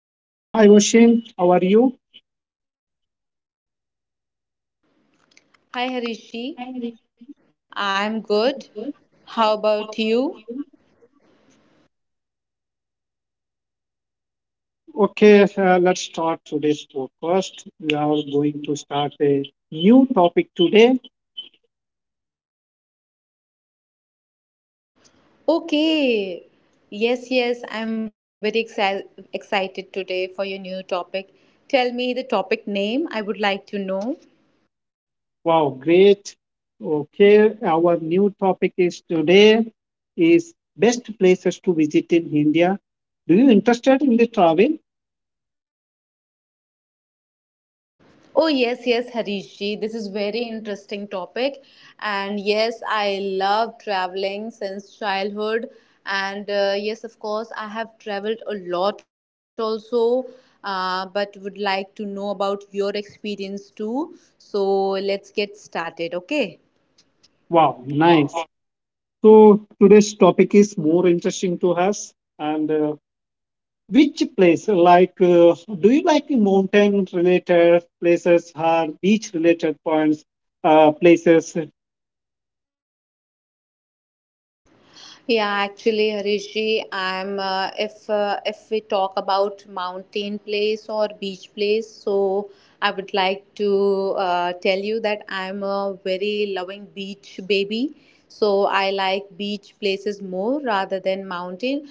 Hi, Oshin. How are you? Hi Harishi, I'm good. How about you? Okay, let's start today's podcast. We are going to start a new topic today. Okay. Yes, yes, I'm very excited today for your new topic. Tell me the topic name, I would like to know. Wow, great. Okay, our new topic is today is best places to visit in India. Do you interested in the travel? Oh yes, yes, Harish ji. This is very interesting topic, and yes, I love traveling since childhood. And yes, of course, I have traveled a lot also, but would like to know about your experience too. So let's get started, okay? Wow, nice. So today's topic is more interesting to us, and which place, like, do you like mountain related places or beach related points, places? Yeah, actually, Harishji, I'm if we talk about mountain place or beach place, so I would like to tell you that I'm a very loving beach baby. So I like beach places more rather than mountain.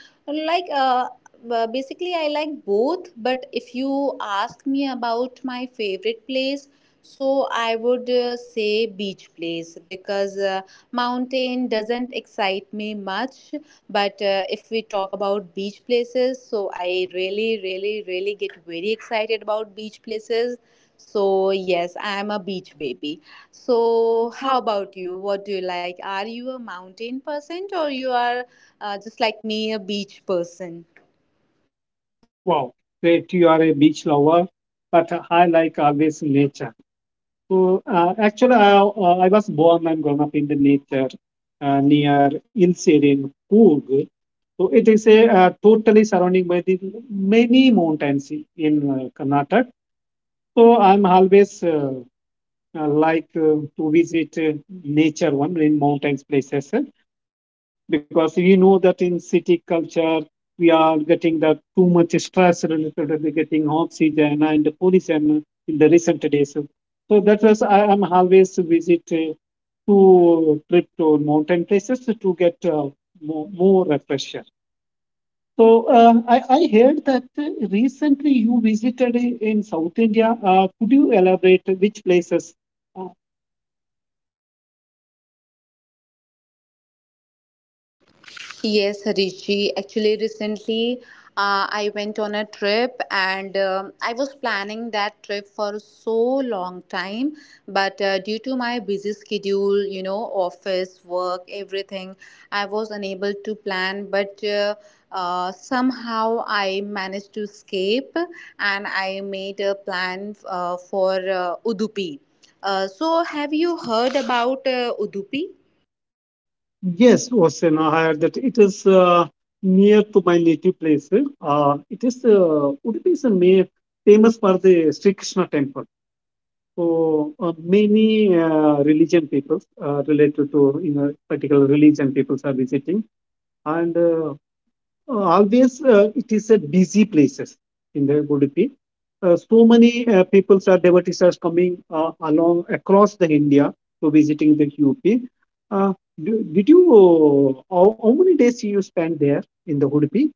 Like basically, I like both. But if you ask me about my favorite place. So I would say beach place because mountain doesn't excite me much. But if we talk about beach places, so I really, really, really get very excited about beach places. So yes, I am a beach baby. So how about you? What do you like? Are you a mountain person or you are just like me, a beach person? Wow, great, you are a beach lover, but I like always nature. So, actually, I was born and grown up in the nature near Ilserin in Coorg. So, it is a totally surrounding by the many mountains in Karnataka. So, I'm always like to visit nature one in mountains places because we know that in city culture we are getting that too much stress related to the getting oxygen and pollution in the recent days. So that was I am always visit to trip to mountain places to get more, more refresher. So I heard that recently you visited in South India. Could you elaborate which places? uh, Yes, Harishi. Actually, recently I went on a trip, and I was planning that trip for so long time. But due to my busy schedule, office, work, everything, I was unable to plan. But somehow I managed to escape, and I made a plan for Udupi. So, have you heard about Udupi? Yes, Ocean, I heard that it is near to my native place. It is Udupi is famous for the Sri Krishna temple. So many religion people related to you know particular religion people are visiting, and always it is a busy places in the Udupi. So many people are devotees are coming along across the India to visiting the UP. Uh, did you how many days you spent there in the Udupi?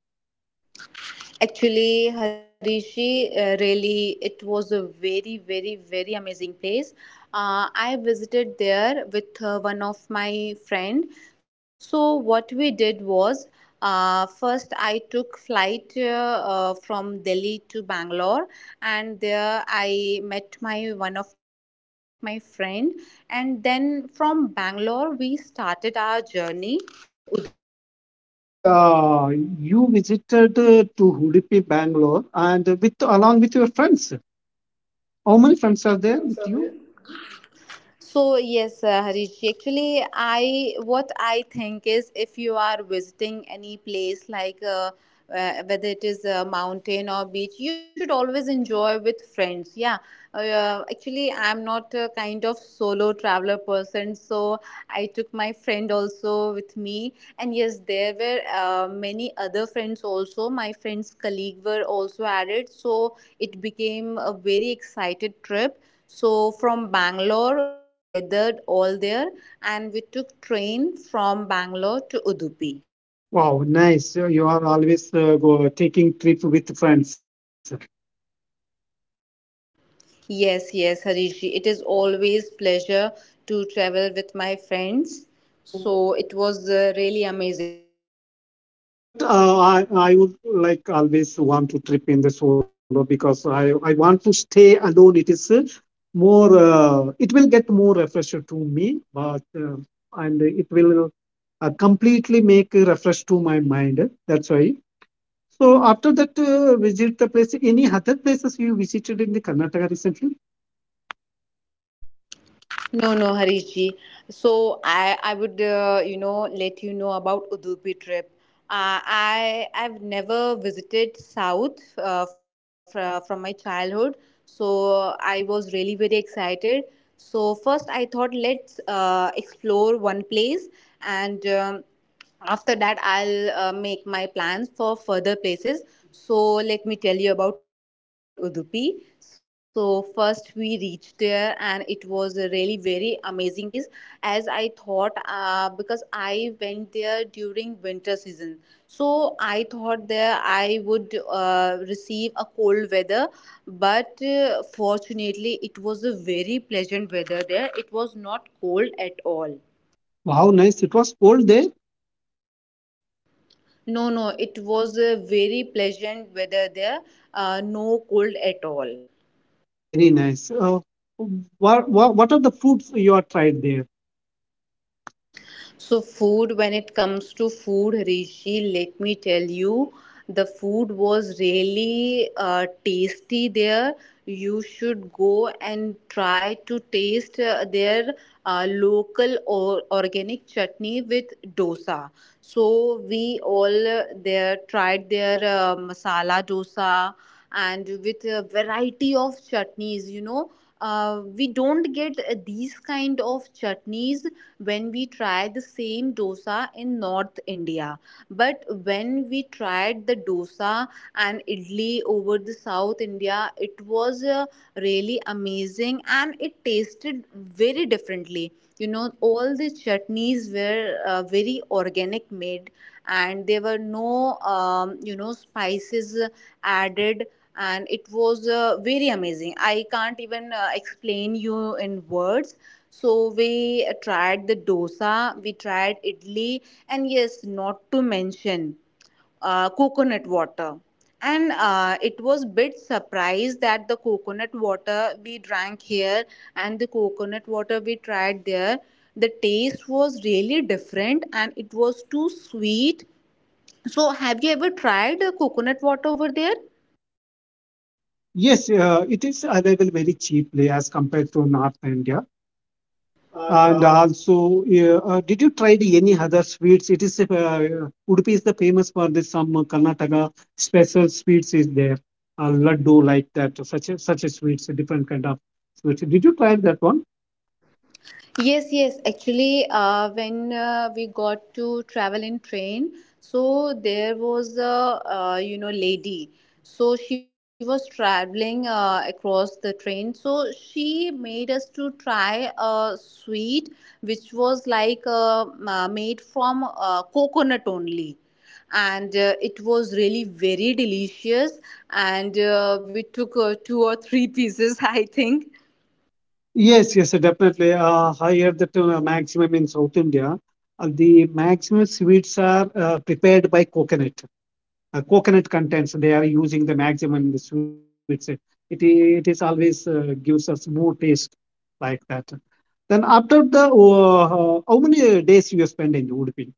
Actually, Harishi, really, it was a very, very, very amazing place. I visited there with one of my friend. So what we did was, first I took flight from Delhi to Bangalore, and there I met my one of my friend, and then from Bangalore we started our journey to Udupi. Okay, you visited to Udupi, Bangalore, and with along with your friends. How many friends are there with you? So yes, Harish ji, actually, I what I think is if you are visiting any place like whether it is a mountain or beach, you should always enjoy with friends. Yeah. Actually, I'm not a kind of solo traveler person, so I took my friend also with me. And yes, there were many other friends also. My friend's colleague were also added, so it became a very excited trip. So from Bangalore, we gathered all there, and we took train from Bangalore to Udupi. Wow, nice! You are always taking trip with friends. Yes, yes, Harishji, it is always pleasure to travel with my friends. So it was a really amazing trip. But I would like always want to trip in the solo because I want to stay alone. It is it will get more refresher to me, but and it will completely make a refresh to my mind. That's why. So after that, visit the place. Any other places you visited in the Karnataka recently? No, no, Harish ji. So I would, let you know about Udupi trip. I've never visited South from my childhood, so I was really very excited. So first, I thought, let's explore one place, and after that, I'll make my plans for further places. So let me tell you about Udupi. So first we reached there, and it was a really very amazing place, as I thought, because I went there during winter season. So I thought there I would receive a cold weather, but fortunately, it was a very pleasant weather there. It was not cold at all. Wow, nice! It was cold there. No, no, it was a very pleasant weather there, no cold at all. Very nice. What what are the foods you have tried there? So, food, when it comes to food, Rishi, let me tell you, the food was really tasty there. You should go and try to taste their local or organic chutney with dosa. So, we all there tried their masala dosa, and with a variety of chutneys, we don't get these kind of chutneys when we try the same dosa in North India. But when we tried the dosa and idli over the South India, it was really amazing, and it tasted very differently. All the chutneys were very organic made, and there were no spices added. And it was very amazing. I can't even explain you in words. So we tried the dosa, we tried idli, and yes, not to mention coconut water. And it was bit surprised that the coconut water we drank here and the coconut water we tried there, the taste was really different, and it was too sweet. So have you ever tried coconut water over there? Yes, it is available very cheaply as compared to North India. And also, did you try the any other sweets? It is Udupi is the famous for this some Karnataka special sweets is there, laddu like that, such a sweets, a different kind of sweets. Did you try that one? Yes, yes. Actually, when we got to travel in train, so there was a lady. So she was traveling across the train. So she made us to try a sweet which was like made from coconut only. And it was really very delicious. And we took two or three pieces, I think. Yes, yes, definitely. Higher the maximum in South India, the maximum sweets are prepared by coconut. Uh, coconut contents they are using the maximum in the sweets it, it is always gives us more taste like that. Then after the how many days you spend in udupi?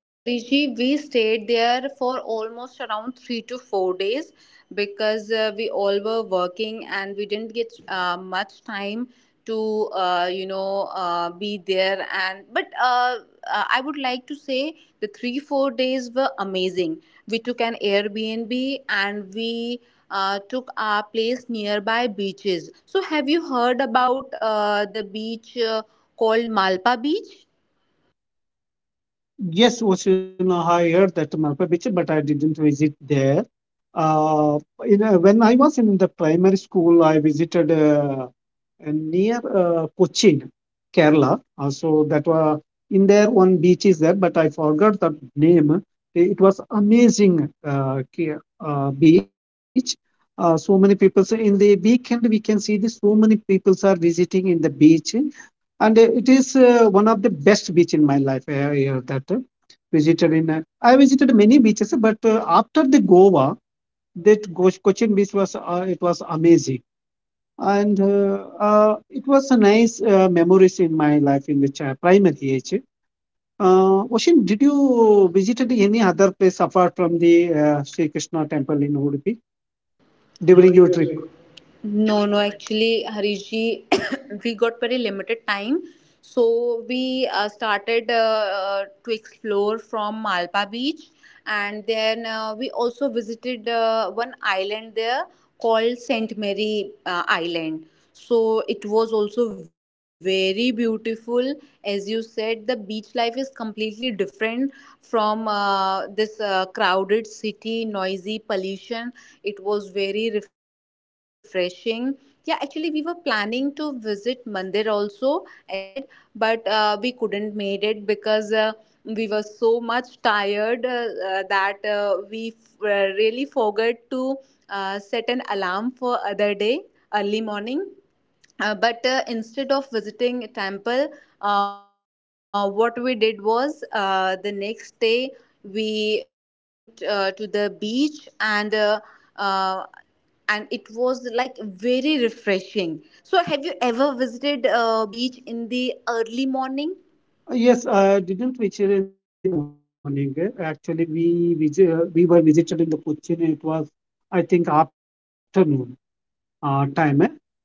So, Harish ji, we stayed there for almost around 3 to 4 days because we all were working, and we didn't get much time to be there. And but I would like to say the 3-4 days were amazing. We took an Airbnb, and we took our place nearby beaches. So, have you heard about the beach called Malpa Beach? Yes, Ocean, I heard that malpa beach but I didn't visit there. uh, when I was in the primary school I visited and near Cochin, Kerala. So that was in there one beach is there, but I forgot the name. It was amazing beach. So many people say in the weekend we can see this. So many people are visiting in the beach, and it is one of the best beach in my life. I, that visited in. I visited many beaches, but after the Goa, Cochin beach was it was amazing and it was a nice memories in my life in the primary age. Oshin, did you visited any other place apart from the Sri Krishna temple in Udupi During your during your trip? trip? No, no, actually, Harish ji, we got very limited time. So we started to explore from Malpa Beach, and then we also visited one island there called Saint Mary Island. So it was also very beautiful. As you said, the beach life is completely different from this crowded city, noisy pollution. It was very refreshing. Yeah, actually, we were planning to visit Mandir also, as you said, but we couldn't made it because we were so much tired that we really forgot to set an alarm for other day, early morning, but instead of visiting a temple, what we did was, the next day we went to the beach, uh, and it was like very refreshing. So have you ever visited a beach in the early morning? Yes, didn't visit in the early morning. Uh, actually, we were visited in the Cochin. It was, I think, afternoon time.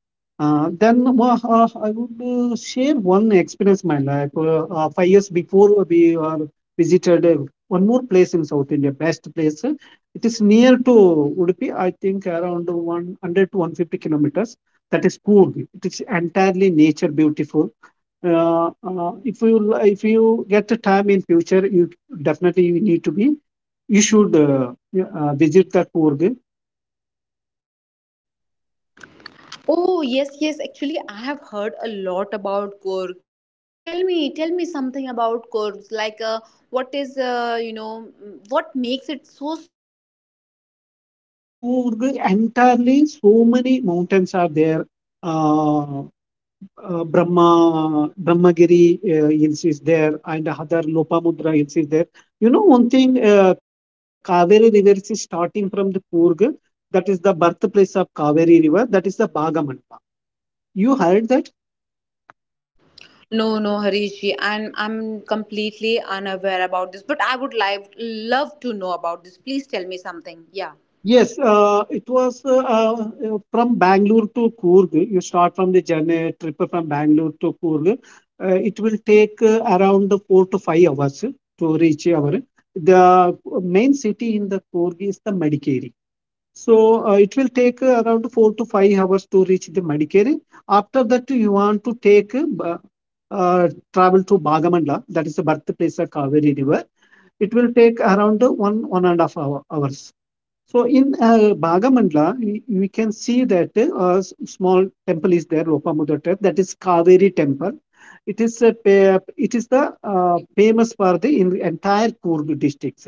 Then I would share one experience my life. 5 years before we visited one more place in South India, best place. Uh, it is near to Udupi, I think around 100 to 150 kilometers. That is Coorg. It is entirely nature beautiful. If you get the time in future, you definitely you need to be. You should yeah, visit the Coorg. Oh yes, yes, actually, I have heard a lot about Korg. So tell me, tell me something about Korgs, like, what is what makes it so special? As in Coorg entirely, so many mountains are there. Uh, Brahmagiri hills is there, and other Lopamudra hills is there. You know one thing, Kaveri River is starting from the Coorg. That is the birthplace of Kaveri River. That is the Bagaman. You heard that? No, no, Harishi, I'm completely unaware about this, but I would like love to know about this. Please tell me something. Yeah. Yes, it was from Bangalore to Coorg. You start from the journey trip from Bangalore to Coorg. It will take around 4 to 5 hours to reach our. The main city in the Coorg is the Madikeri. So it will take around 4 to 5 hours to reach the Madikeri. After that, you want to take travel to Bagamandla, that is the birthplace of Kaveri River. It will take around one one and a half hour, hours. So in Bhagamandla, we can see that a small temple is there, Lopamudotta, that is Kaveri temple. It is a, it is the famous for the in the entire Coorg districts.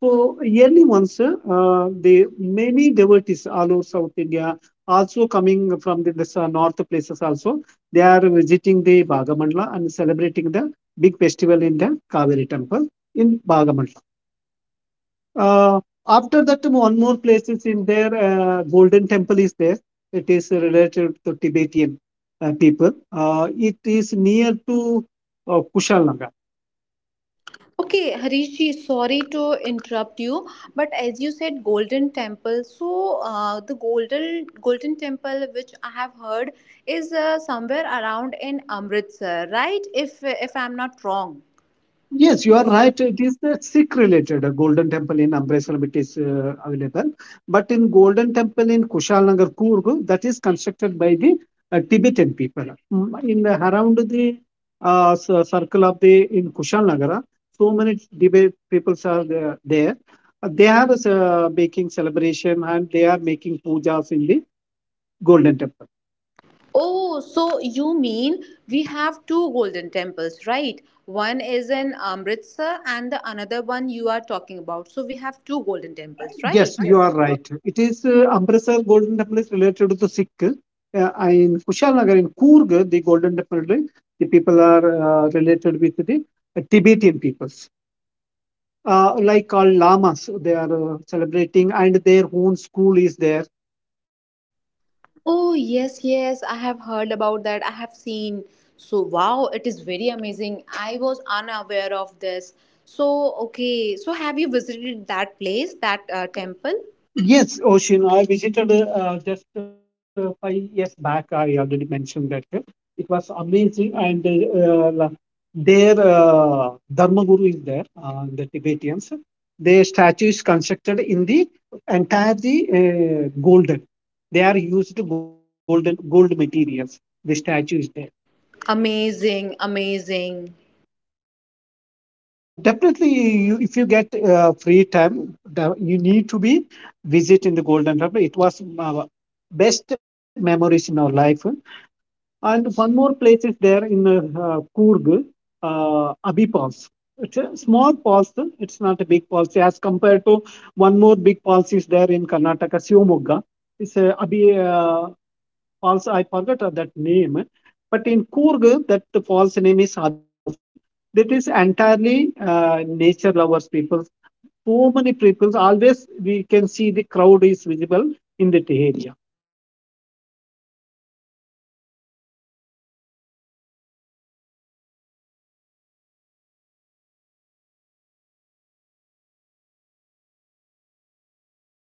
So yearly once, the many devotees all over South India, also coming from the north places also, they are visiting the Bhagamandla and celebrating the big festival in the Kaveri temple in Bhagamandla. Uh, after that, one more place is in there. Golden Temple is there. It is related to Tibetan people. It is near to Kushal Naga. Okay, Harishji, sorry to interrupt you, but as you said, Golden Temple. So, the Golden Temple, which I have heard, is somewhere around in Amritsar, right? If I'm not wrong. Yes, you are right. It is the Sikh related Golden Temple in Amritsar, it is available. But in Golden Temple in Kushalnagar, Kurgu, that is constructed by the Tibetan people. Mm, in the, around the circle of the in Kushalnagar, so many Tibet peoples are there. They are making celebration and they are making pujas in the Golden Temple. Oh, so you mean we have two golden temples, right? One is in Amritsar, and the another one you are talking about. So we have two golden temples, right? Yes, you Yes, are you are. right. It is Amritsar Golden Temple is related to the Sikh. In Kushalagar, in Kurg, the Golden Temple, the people are related with the Tibetan peoples. Like all lamas, they are celebrating, and their own school is there. Oh, yes, yes, I have heard about that. I have seen. So, wow, it is very amazing. I was unaware of this. So, okay, so have you visited that place, that temple? Yes, Ocean. I visited just 5 years back. I already mentioned that it was amazing, and their Dharma Guru is there, the Tibetans. Their statue is constructed in the entirely golden. They are used to golden gold materials. The statue is there. Amazing, amazing. Definitely, if you get free time, the, you need to be visit in the Golden Temple. It was best memories in our life. And one more place is there in Coorg, Abhi Falls. It's a small falls. Uh, it's not a big falls as compared to one more big falls is there in Karnataka, Shivamogga. It's a Abhi Falls. I forgot that name. But in Coorg, that the falls name is Abhi Falls. That is entirely nature lovers people. So many people always we can see the crowd is visible in that area. If you get time, definitely you have to reach it. So many other tourist places are there inside the. And also the special in the Coorg is the, uh, in Coorg, they have special culture people is there.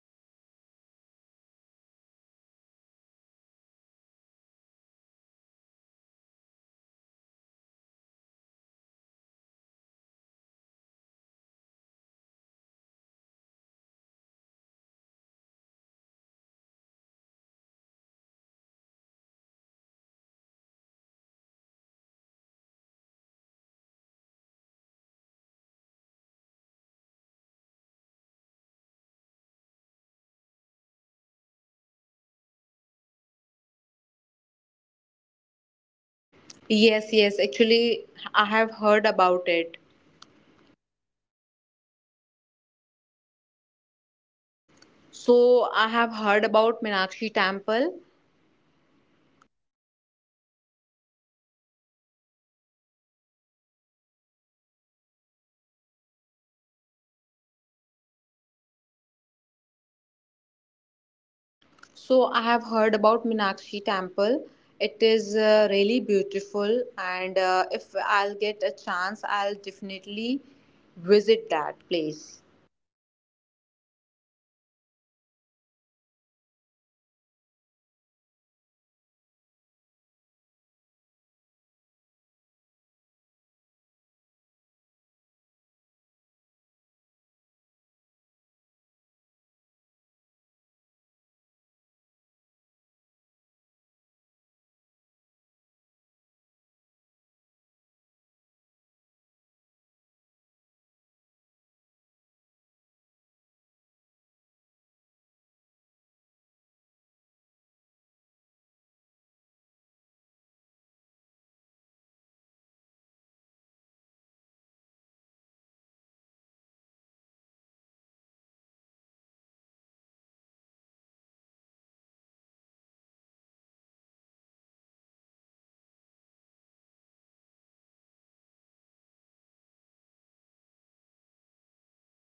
Kodava peoples, they will call. There is no any language, but they will speak in a different language, but there is no any words for that language. And they are maintaining their own language and then maintaining their own culture is there. It's if you see Yes, yes, actually, I have heard about it. So I have heard about Meenakshi Temple. So I have heard about Meenakshi Temple. It is really beautiful, and if I'll get a chance, I'll definitely visit that place.